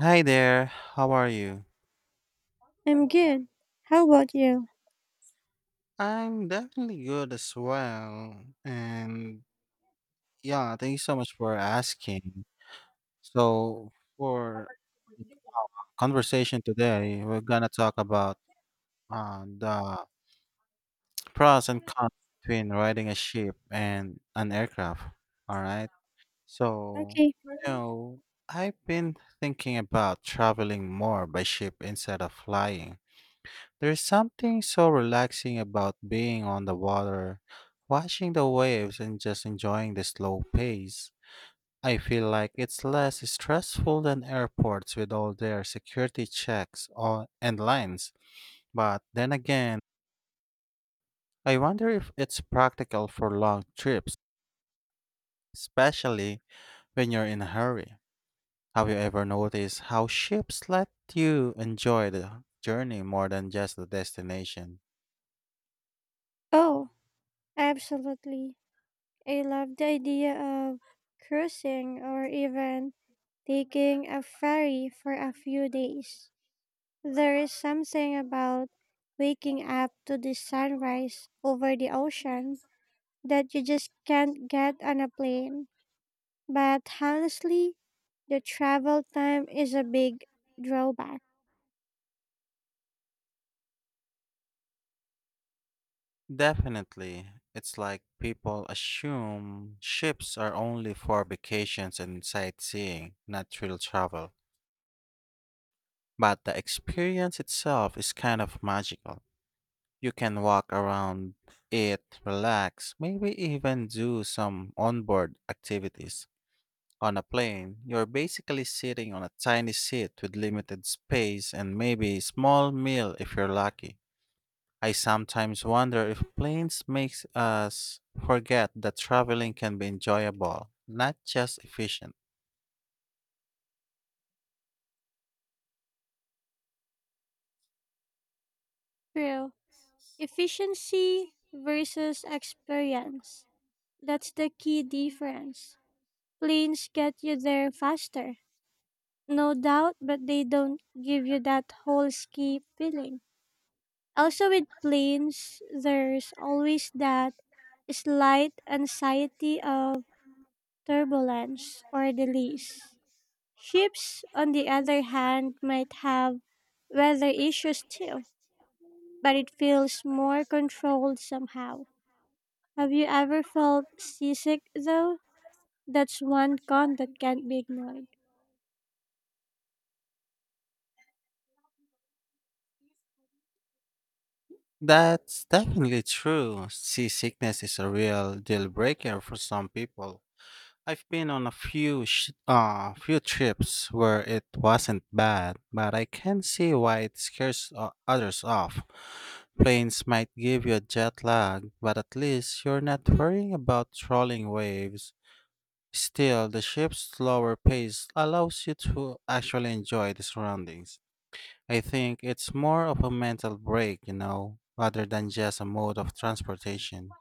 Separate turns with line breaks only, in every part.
Hi there, how are you?
I'm good. How about you?
I'm definitely good as well. And yeah, thank you so much for asking. So, for conversation today, we're gonna talk about the pros and cons between riding a ship and an aircraft. All right. So,
Okay.
you know, I've been thinking about traveling more by ship instead of flying. There's something so relaxing about being on the water, watching the waves and just enjoying the slow pace. I feel like it's less stressful than airports with all their security checks and lines. But then again, I wonder if it's practical for long trips, especially when you're in a hurry. Have you ever noticed how ships let you enjoy the journey more than just the destination?
Oh, absolutely. I love the idea of cruising or even taking a ferry for a few days. There is something about waking up to the sunrise over the ocean that you just can't get on a plane. But honestly, the travel time is a big drawback.
Definitely. It's like people assume ships are only for vacations and sightseeing, not real travel. But the experience itself is kind of magical. You can walk around it, relax, maybe even do some onboard activities. On a plane, you're basically sitting on a tiny seat with limited space and maybe a small meal if you're lucky. I sometimes wonder if planes makes us forget that traveling can be enjoyable, not just efficient.
True. Efficiency versus experience. That's the key difference. Planes get you there faster, no doubt, but they don't give you that whole ski feeling. Also, with planes, there's always that slight anxiety of turbulence or delays. Ships, on the other hand, might have weather issues too, but it feels more controlled somehow. Have you ever felt seasick though? That's one con that can't be ignored.
That's definitely true. Seasickness is a real deal breaker for some people. I've been on a few trips where it wasn't bad, but I can see why it scares others off. Planes might give you a jet lag, but at least you're not worrying about trolling waves. Still, the ship's slower pace allows you to actually enjoy the surroundings. I think it's more of a mental break, rather than just a mode of transportation.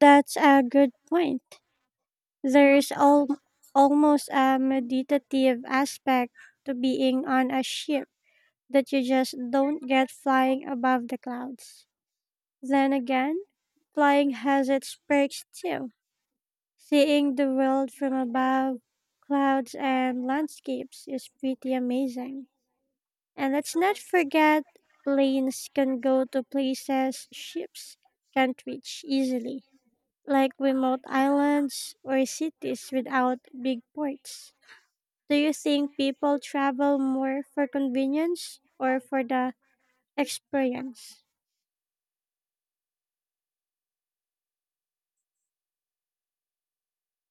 That's a good point. There is almost a meditative aspect to being on a ship that you just don't get flying above the clouds. Then again, flying has its perks too. Seeing the world from above, clouds and landscapes is pretty amazing. And let's not forget planes can go to places ships can't reach easily, like remote islands or cities without big ports. Do you think people travel more for convenience or for the experience?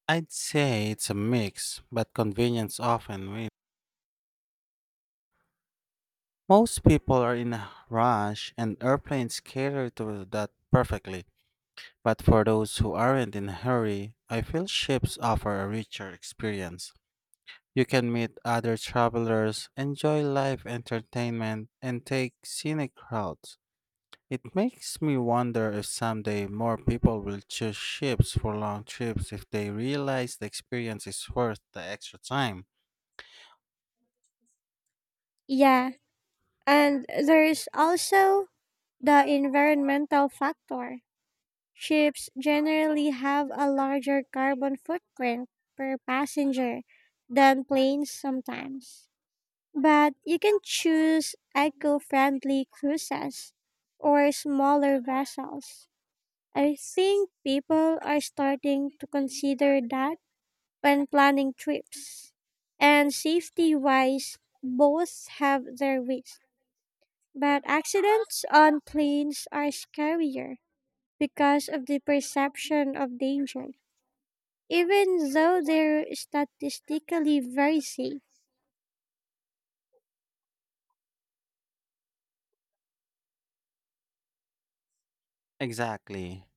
I'd say it's a mix, but convenience often wins. Most people are in a rush, and airplanes cater to that perfectly. But for those who aren't in a hurry, I feel ships offer a richer experience. You can meet other travelers, enjoy live entertainment, and take scenic routes. It makes me wonder if someday more people will choose ships for long trips if they realize the experience is worth the extra time.
Yeah, and there's also the environmental factor. Ships generally have a larger carbon footprint per passenger than planes sometimes. But you can choose eco friendly cruises or smaller vessels. I think people are starting to consider that when planning trips. And safety wise, both have their risks. But accidents on planes are scarier because of the perception of danger, even though they're statistically very safe.
Exactly.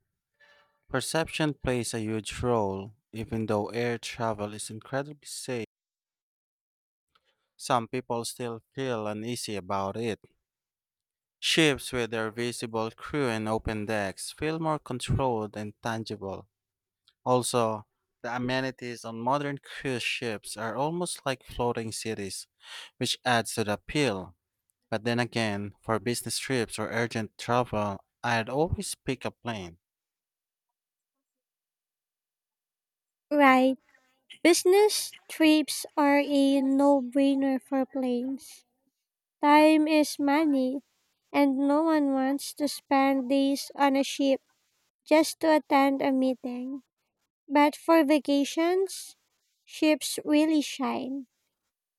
Perception plays a huge role. Even though air travel is incredibly safe, some people still feel uneasy about it. Ships with their visible crew and open decks feel more controlled and tangible. Also, the amenities on modern cruise ships are almost like floating cities, which adds to the appeal. But then again, for business trips or urgent travel, I'd always pick a plane.
Right. Business trips are a no brainer for planes. Time is money, and no one wants to spend days on a ship just to attend a meeting. But for vacations, ships really shine.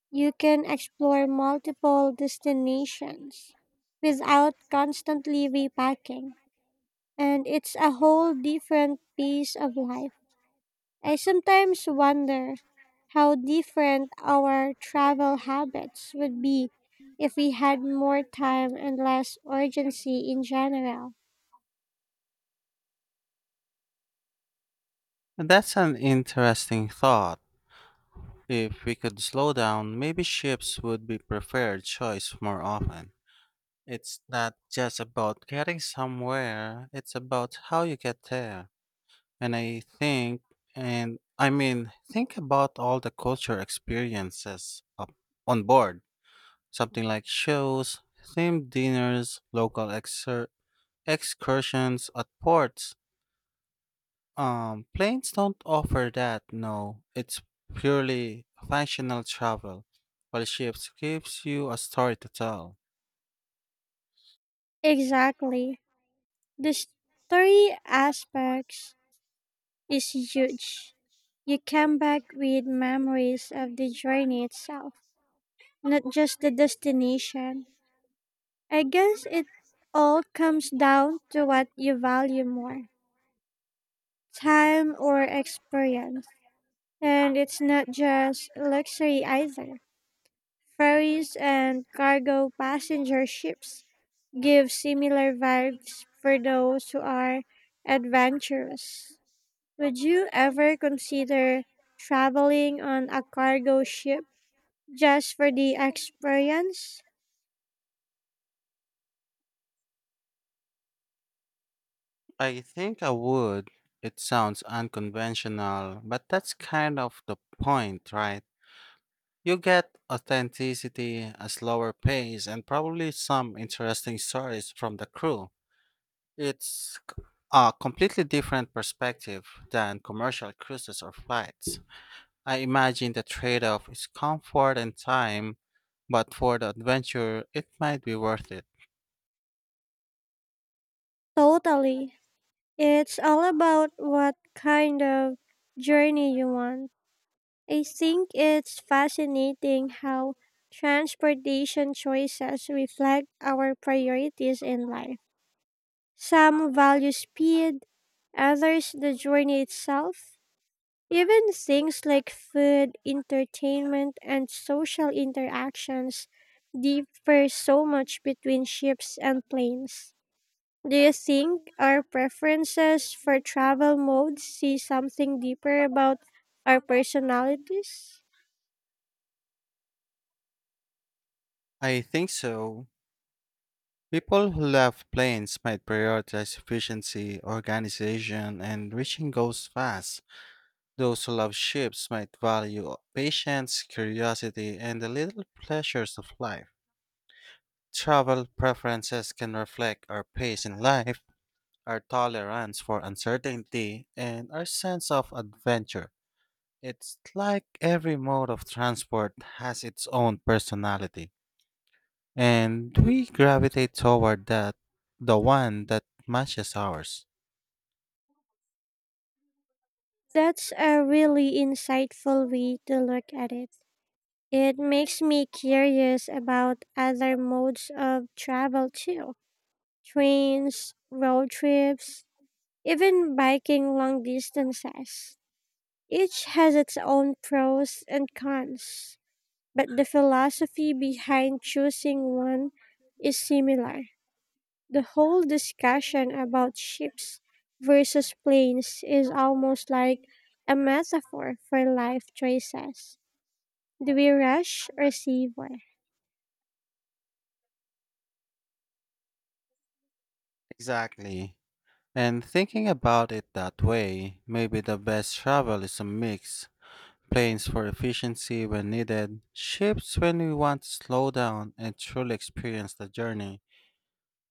You can explore multiple destinations without constantly repacking, and it's a whole different piece of life. I sometimes wonder how different our travel habits would be if we had more time and less urgency in general.
And that's an interesting thought. If we could slow down, maybe ships would be preferred choice more often. It's not just about getting somewhere, it's about how you get there. And and I mean, think about all the culture experiences up on board. Something like shows, themed dinners, local excursions at ports. Planes don't offer that, no. It's purely functional travel, while ships gives you a story to tell.
Exactly. The story aspects is huge. You come back with memories of the journey itself, not just the destination. I guess it all comes down to what you value more, time or experience. And it's not just luxury either. Ferries and cargo passenger ships give similar vibes for those who are adventurous. Would you ever consider traveling on a cargo ship just for the experience?
I think I would. It sounds unconventional, but that's kind of the point, right? You get authenticity, a slower pace, and probably some interesting stories from the crew. It's a completely different perspective than commercial cruises or flights. I imagine the trade off is comfort and time, but for the adventure, it might be worth it.
Totally. It's all about what kind of journey you want. I think it's fascinating how transportation choices reflect our priorities in life. Some value speed, others the journey itself. Even things like food, entertainment, and social interactions differ so much between ships and planes. Do you think our preferences for travel modes see something deeper about our personalities?
I think so. People who love planes might prioritize efficiency, organization, and reaching goals fast. Those who love ships might value patience, curiosity, and the little pleasures of life. Travel preferences can reflect our pace in life, our tolerance for uncertainty, and our sense of adventure. It's like every mode of transport has its own personality, and we gravitate toward that the one that matches ours.
That's a really insightful way to look at it. It makes me curious about other modes of travel too, trains, road trips, even biking long distances. Each has its own pros and cons, but the philosophy behind choosing one is similar. The whole discussion about ships versus planes is almost like a metaphor for life choices. Do we rush or savor?
Exactly. And thinking about it that way, maybe the best travel is a mix, planes for efficiency when needed, ships when we want to slow down and truly experience the journey.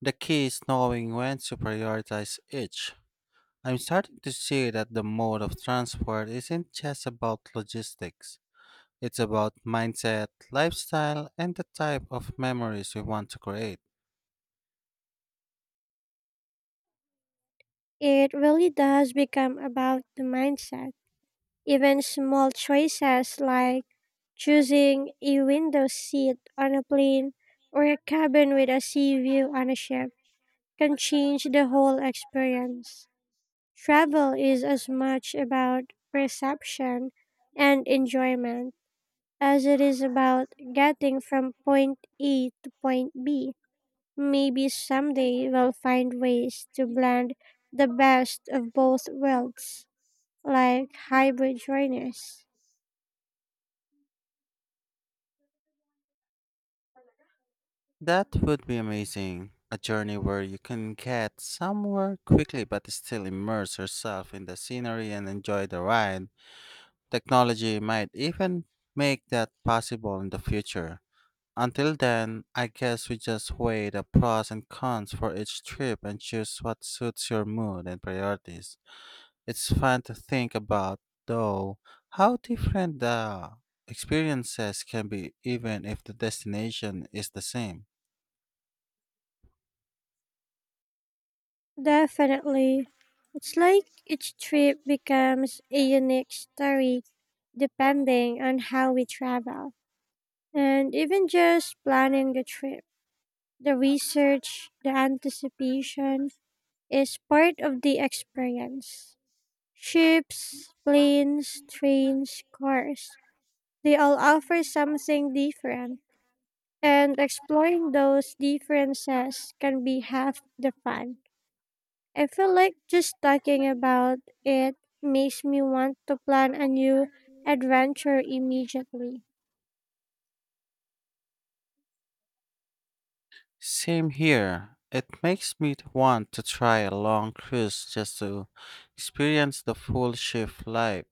The key is knowing when to prioritize each. I'm starting to see that the mode of transport isn't just about logistics. It's about mindset, lifestyle, and the type of memories we want to create.
It really does become about the mindset. Even small choices like choosing a window seat on a plane or a cabin with a sea view on a ship can change the whole experience. Travel is as much about perception and enjoyment as it is about getting from point A to point B. Maybe someday we'll find ways to blend the best of both worlds, like hybrid journeys.
That would be amazing. A journey where you can get somewhere quickly but still immerse yourself in the scenery and enjoy the ride. Technology might even make that possible in the future. Until then, I guess we just weigh the pros and cons for each trip and choose what suits your mood and priorities. It's fun to think about, though, how different the experiences can be even if the destination is the same.
Definitely. It's like each trip becomes a unique story depending on how we travel, and even just planning the trip. The research, the anticipation is part of the experience. Ships, planes, trains, cars, they all offer something different. And exploring those differences can be half the fun. I feel like just talking about it makes me want to plan a new adventure immediately.
Same here. It makes me want to try a long cruise just to experience the full ship life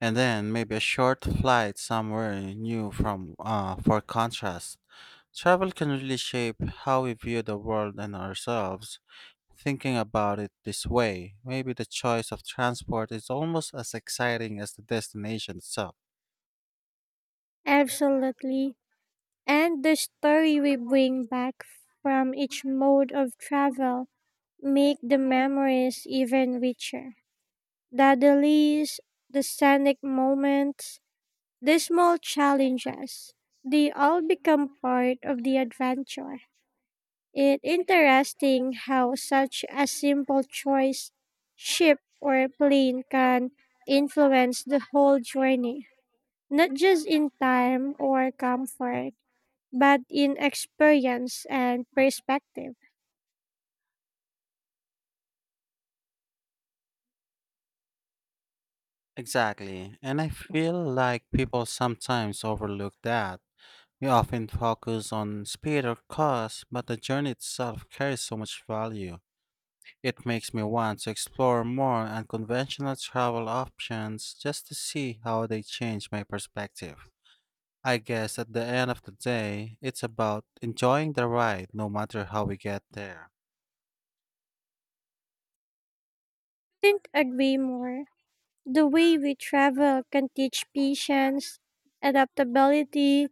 and then maybe a short flight somewhere new from for contrast. Travel can really shape how we view the world and ourselves. Thinking about it this way, maybe the choice of transport is almost as exciting as the destination itself.
Absolutely. And the story we bring back from each mode of travel make the memories even richer. The delays, the scenic moments, the small challenges, they all become part of the adventure. It's interesting how such a simple choice, ship or plane, can influence the whole journey, not just in time or comfort, but in experience and perspective.
Exactly, and I feel like people sometimes overlook that. We often focus on speed or cost, but the journey itself carries so much value. It makes me want to explore more unconventional travel options just to see how they change my perspective. I guess at the end of the day, it's about enjoying the ride no matter how we get there.
Couldn't agree more. The way we travel can teach patience, adaptability,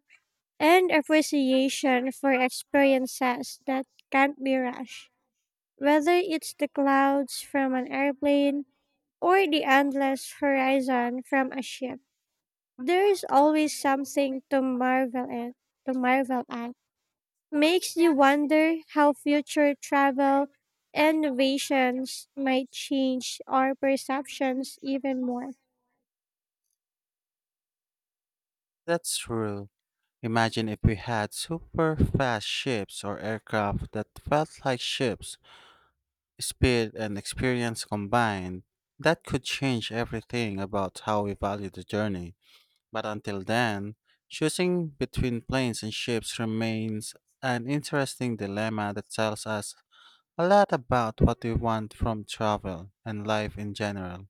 and appreciation for experiences that can't be rushed. Whether it's the clouds from an airplane or the endless horizon from a ship, there is always something to marvel at. Makes you wonder how future travel innovations might change our perceptions even more.
That's true. Imagine if we had super fast ships or aircraft that felt like ships, speed and experience combined. That could change everything about how we value the journey. But until then, choosing between planes and ships remains an interesting dilemma that tells us a lot about what we want from travel and life in general.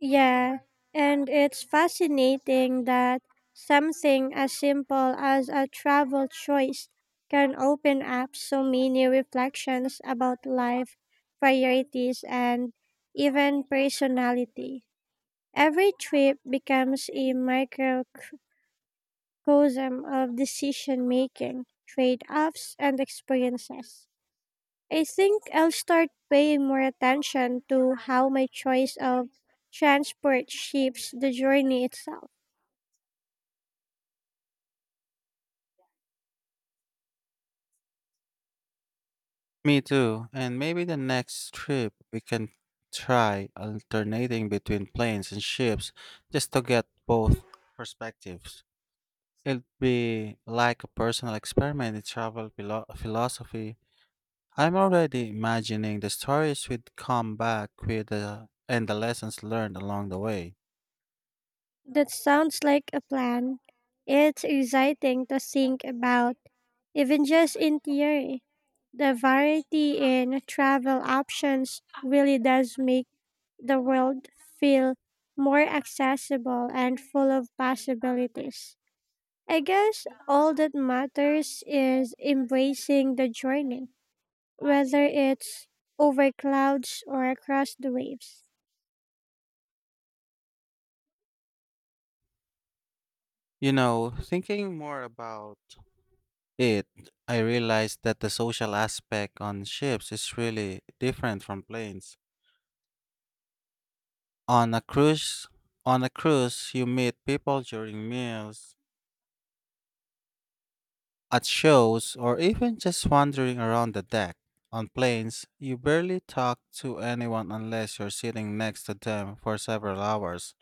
Yeah, and it's fascinating that something as simple as a travel choice can open up so many reflections about life, priorities, and even personality. Every trip becomes a microcosm cosm of decision making, trade offs, and experiences. I think I'll start paying more attention to how my choice of transport shapes the journey itself.
Me too, and maybe the next trip we can try alternating between planes and ships just to get both perspectives. It'll be like a personal experiment in travel philosophy. I'm already imagining the stories we'd come back with and the lessons learned along the way.
That sounds like a plan. It's exciting to think about, even just in theory. The variety in travel options really does make the world feel more accessible and full of possibilities. I guess all that matters is embracing the journey, whether it's over clouds or across the waves.
Thinking more about it, I realized that the social aspect on ships is really different from planes. On a cruise, on a cruise, you meet people during meals, at shows, or even just wandering around the deck. On planes, you barely talk to anyone unless you're sitting next to them for several hours.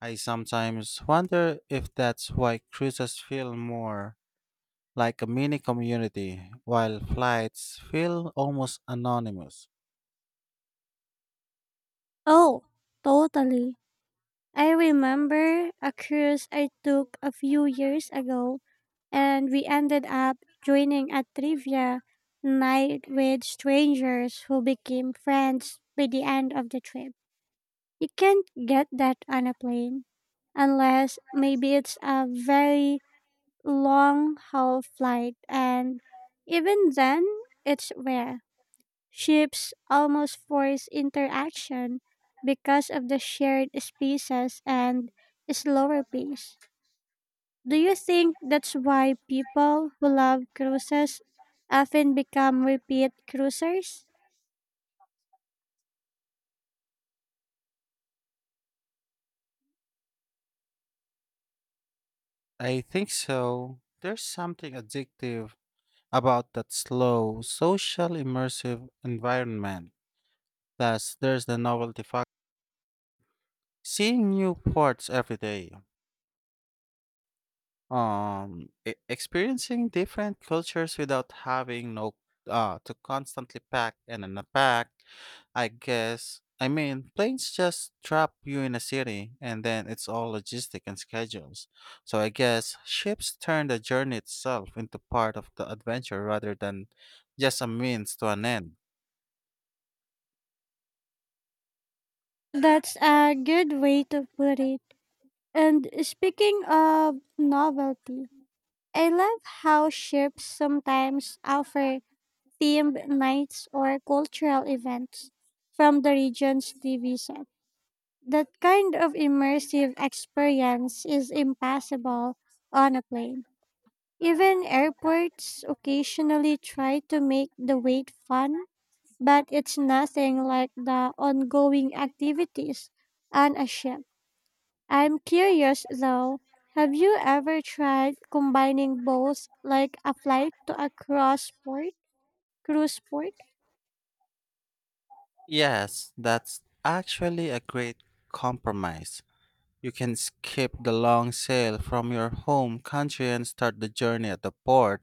I sometimes wonder if that's why cruises feel more like a mini community, while flights feel almost anonymous.
Oh, totally. I remember a cruise I took a few years ago, and we ended up joining a trivia night with strangers who became friends by the end of the trip. You can't get that on a plane, unless maybe it's a very long haul flight, and even then, it's rare. Ships almost force interaction because of the shared spaces and slower pace. Do you think that's why people who love cruises often become repeat cruisers?
I think so. There's something addictive about that slow, social, immersive environment. Plus, there's the novelty factor. Seeing new ports every day. Experiencing different cultures without having no to constantly pack and unpack. I guess I mean planes just drop you in a city and then it's all logistic and schedules. So I guess ships turn the journey itself into part of the adventure rather than just a means to an end.
That's a good way to put it. And speaking of novelty, I love how ships sometimes offer themed nights or cultural events from the region's TV set. That kind of immersive experience is impossible on a plane. Even airports occasionally try to make the wait fun, but it's nothing like the ongoing activities on a ship. I'm curious though, have you ever tried combining both, like a flight to a cruise port?
Yes, that's actually a great compromise. You can skip the long sail from your home country and start the journey at the port,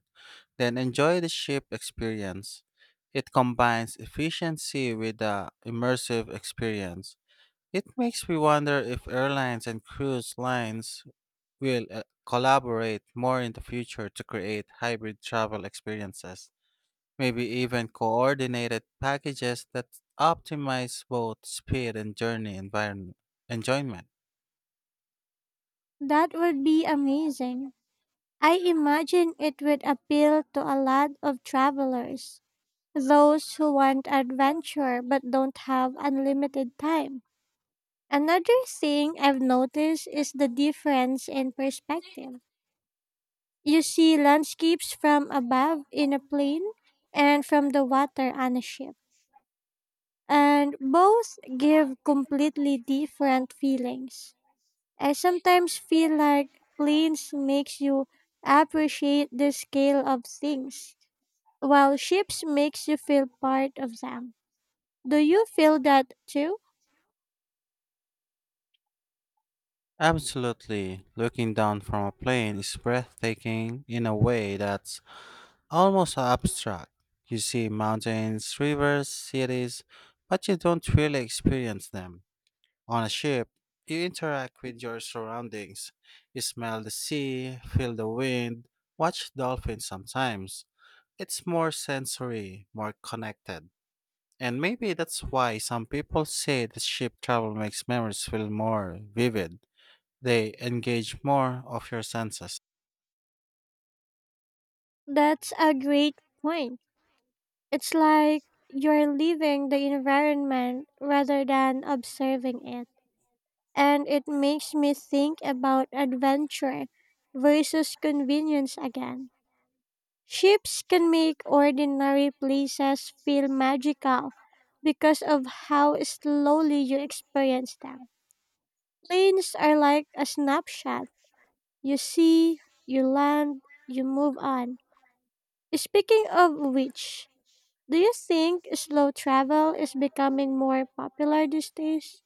then enjoy the ship experience. It combines efficiency with the immersive experience. It makes me wonder if airlines and cruise lines will collaborate more in the future to create hybrid travel experiences. Maybe even coordinated packages that optimize both speed and journey environment enjoyment.
That would be amazing. I imagine it would appeal to a lot of travelers, those who want adventure but don't have unlimited time. Another thing I've noticed is the difference in perspective. You see landscapes from above in a plane and from the water on a ship, and both give completely different feelings. I sometimes feel like planes makes you appreciate the scale of things, while ships makes you feel part of them. Do you feel that too?
Absolutely. Looking down from a plane is breathtaking in a way that's almost abstract. You see mountains, rivers, cities, but you don't really experience them. On a ship, you interact with your surroundings. You smell the sea, feel the wind, watch dolphins sometimes. It's more sensory, more connected. And maybe that's why some people say the ship travel makes memories feel more vivid. They engage more of your senses.
That's a great point. It's like you're leaving the environment rather than observing it. And it makes me think about adventure versus convenience again. Ships can make ordinary places feel magical because of how slowly you experience them. Planes are like a snapshot. You see, you land, you move on. Speaking of which, do you think slow travel is becoming more popular these days?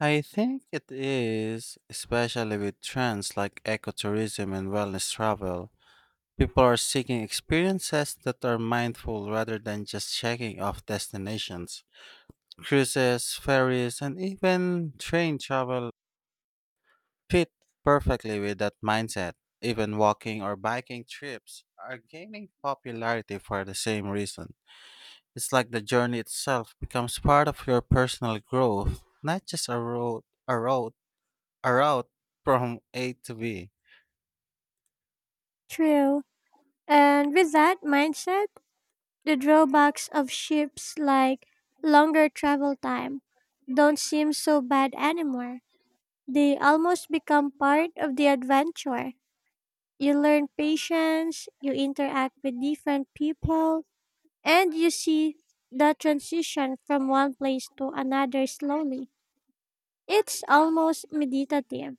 I think it is, especially with trends like ecotourism and wellness travel. People are seeking experiences that are mindful rather than just checking off destinations. Cruises, ferries, and even train travel fit perfectly with that mindset. Even walking or biking trips are gaining popularity for the same reason. It's like the journey itself becomes part of your personal growth, not just a route from A to B.
True. And with that mindset, the drawbacks of ships, like longer travel time, don't seem so bad anymore. They almost become part of the adventure. You learn patience, you interact with different people, and you see the transition from one place to another slowly. It's almost meditative.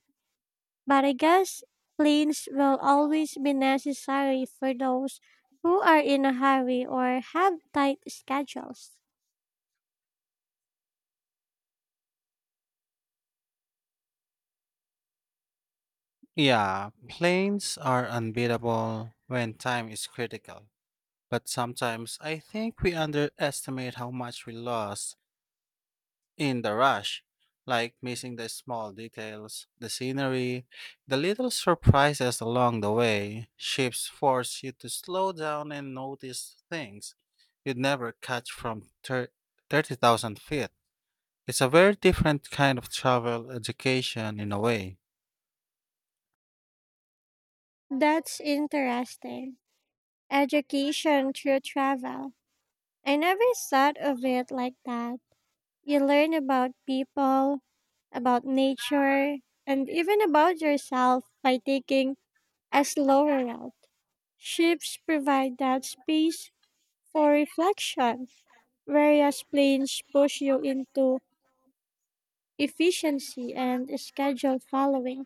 But I guess planes will always be necessary for those who are in a hurry or have tight schedules.
Yeah, planes are unbeatable when time is critical. But sometimes I think we underestimate how much we lost in the rush, like missing the small details, the scenery, the little surprises along the way. Ships force you to slow down and notice things you'd never catch from 30,000 feet. It's a very different kind of travel education in a way.
That's interesting. Education through travel. I never thought of it like that. You learn about people, about nature, and even about yourself by taking a slower route. Ships provide that space for reflection, whereas planes push you into efficiency and schedule following.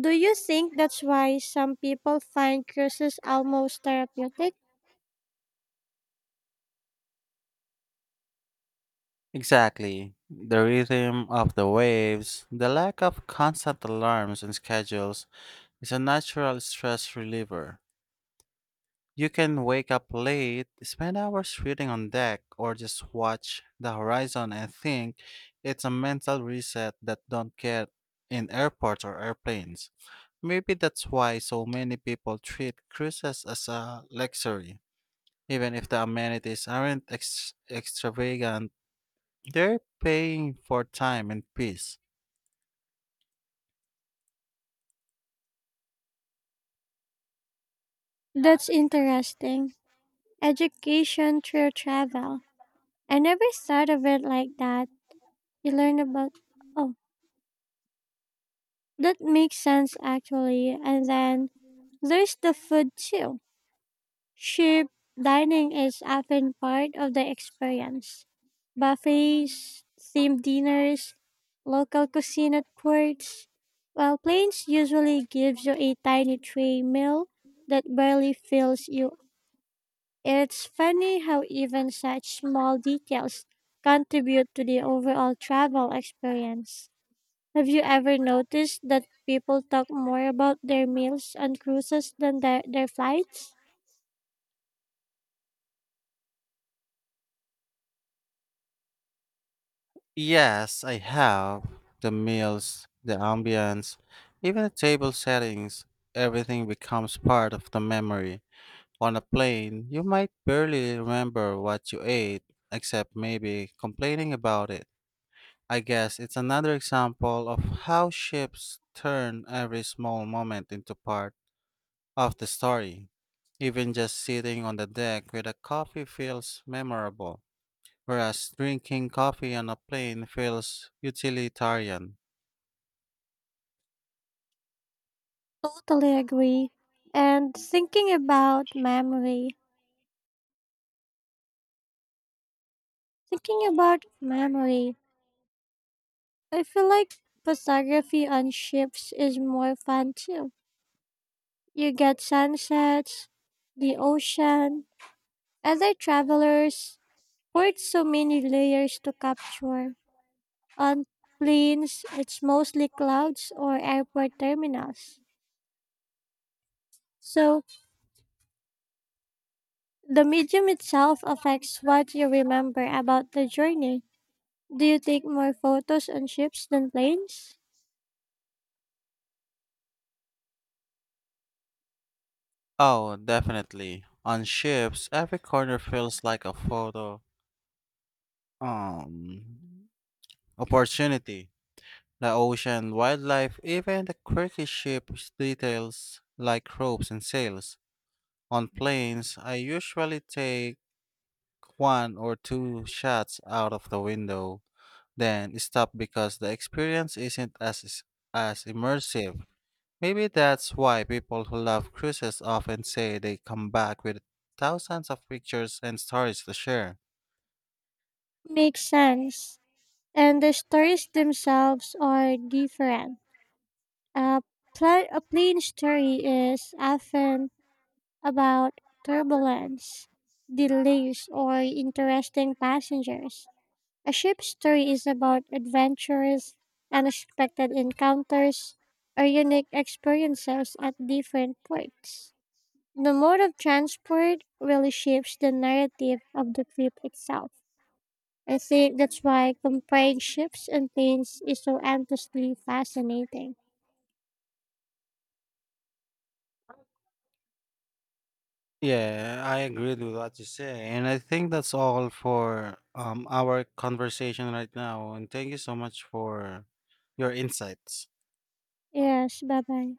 Do you think that's why some people find cruises almost therapeutic?
Exactly. The rhythm of the waves, the lack of constant alarms and schedules is a natural stress reliever. You can wake up late, spend hours reading on deck, or just watch the horizon and think. It's a mental reset that don't get in airports or airplanes. Maybe that's why so many people treat cruises as a luxury. Even if the amenities aren't extravagant, they're paying for time and peace.
That's interesting. Education through travel. I never thought of it like that. You learn about, oh, that makes sense actually. And then there's the food too. Cheap dining is often part of the experience. Buffets, themed dinners, local cuisine at courts, while planes usually gives you a tiny tray meal that barely fills you. It's funny how even such small details contribute to the overall travel experience. Have you ever noticed that people talk more about their meals on cruises than their flights?
Yes, I have. The meals, the ambience, even the table settings, everything becomes part of the memory. On a plane, you might barely remember what you ate, except maybe complaining about it. I guess it's another example of how ships turn every small moment into part of the story. Even just sitting on the deck with a coffee feels memorable, whereas drinking coffee on a plane feels utilitarian.
Totally agree. And thinking about memory, I feel like photography on ships is more fun too. You get sunsets, the ocean, other travelers, with so many layers to capture. On planes, it's mostly clouds or airport terminals. So the medium itself affects what you remember about the journey. Do you take more photos on ships than planes?
Oh, definitely. On ships, every corner feels like a photo um opportunity. The ocean, wildlife, even the quirky ship's details like ropes and sails. On planes, I usually take one or two shots out of the window, then stop because the experience isn't as immersive. Maybe that's why people who love cruises often say they come back with thousands of pictures and stories to share.
Makes sense. And the stories themselves are different. A, a plane story is often about turbulence, delays, or interesting passengers. A ship story is about adventures, unexpected encounters, or unique experiences at different ports. The mode of transport really shapes the narrative of the trip itself. I think that's why comparing ships and planes is so endlessly fascinating.
Yeah, I agree with what you say. And I think that's all for our conversation right now. And thank you so much for your insights.
Yes, bye bye.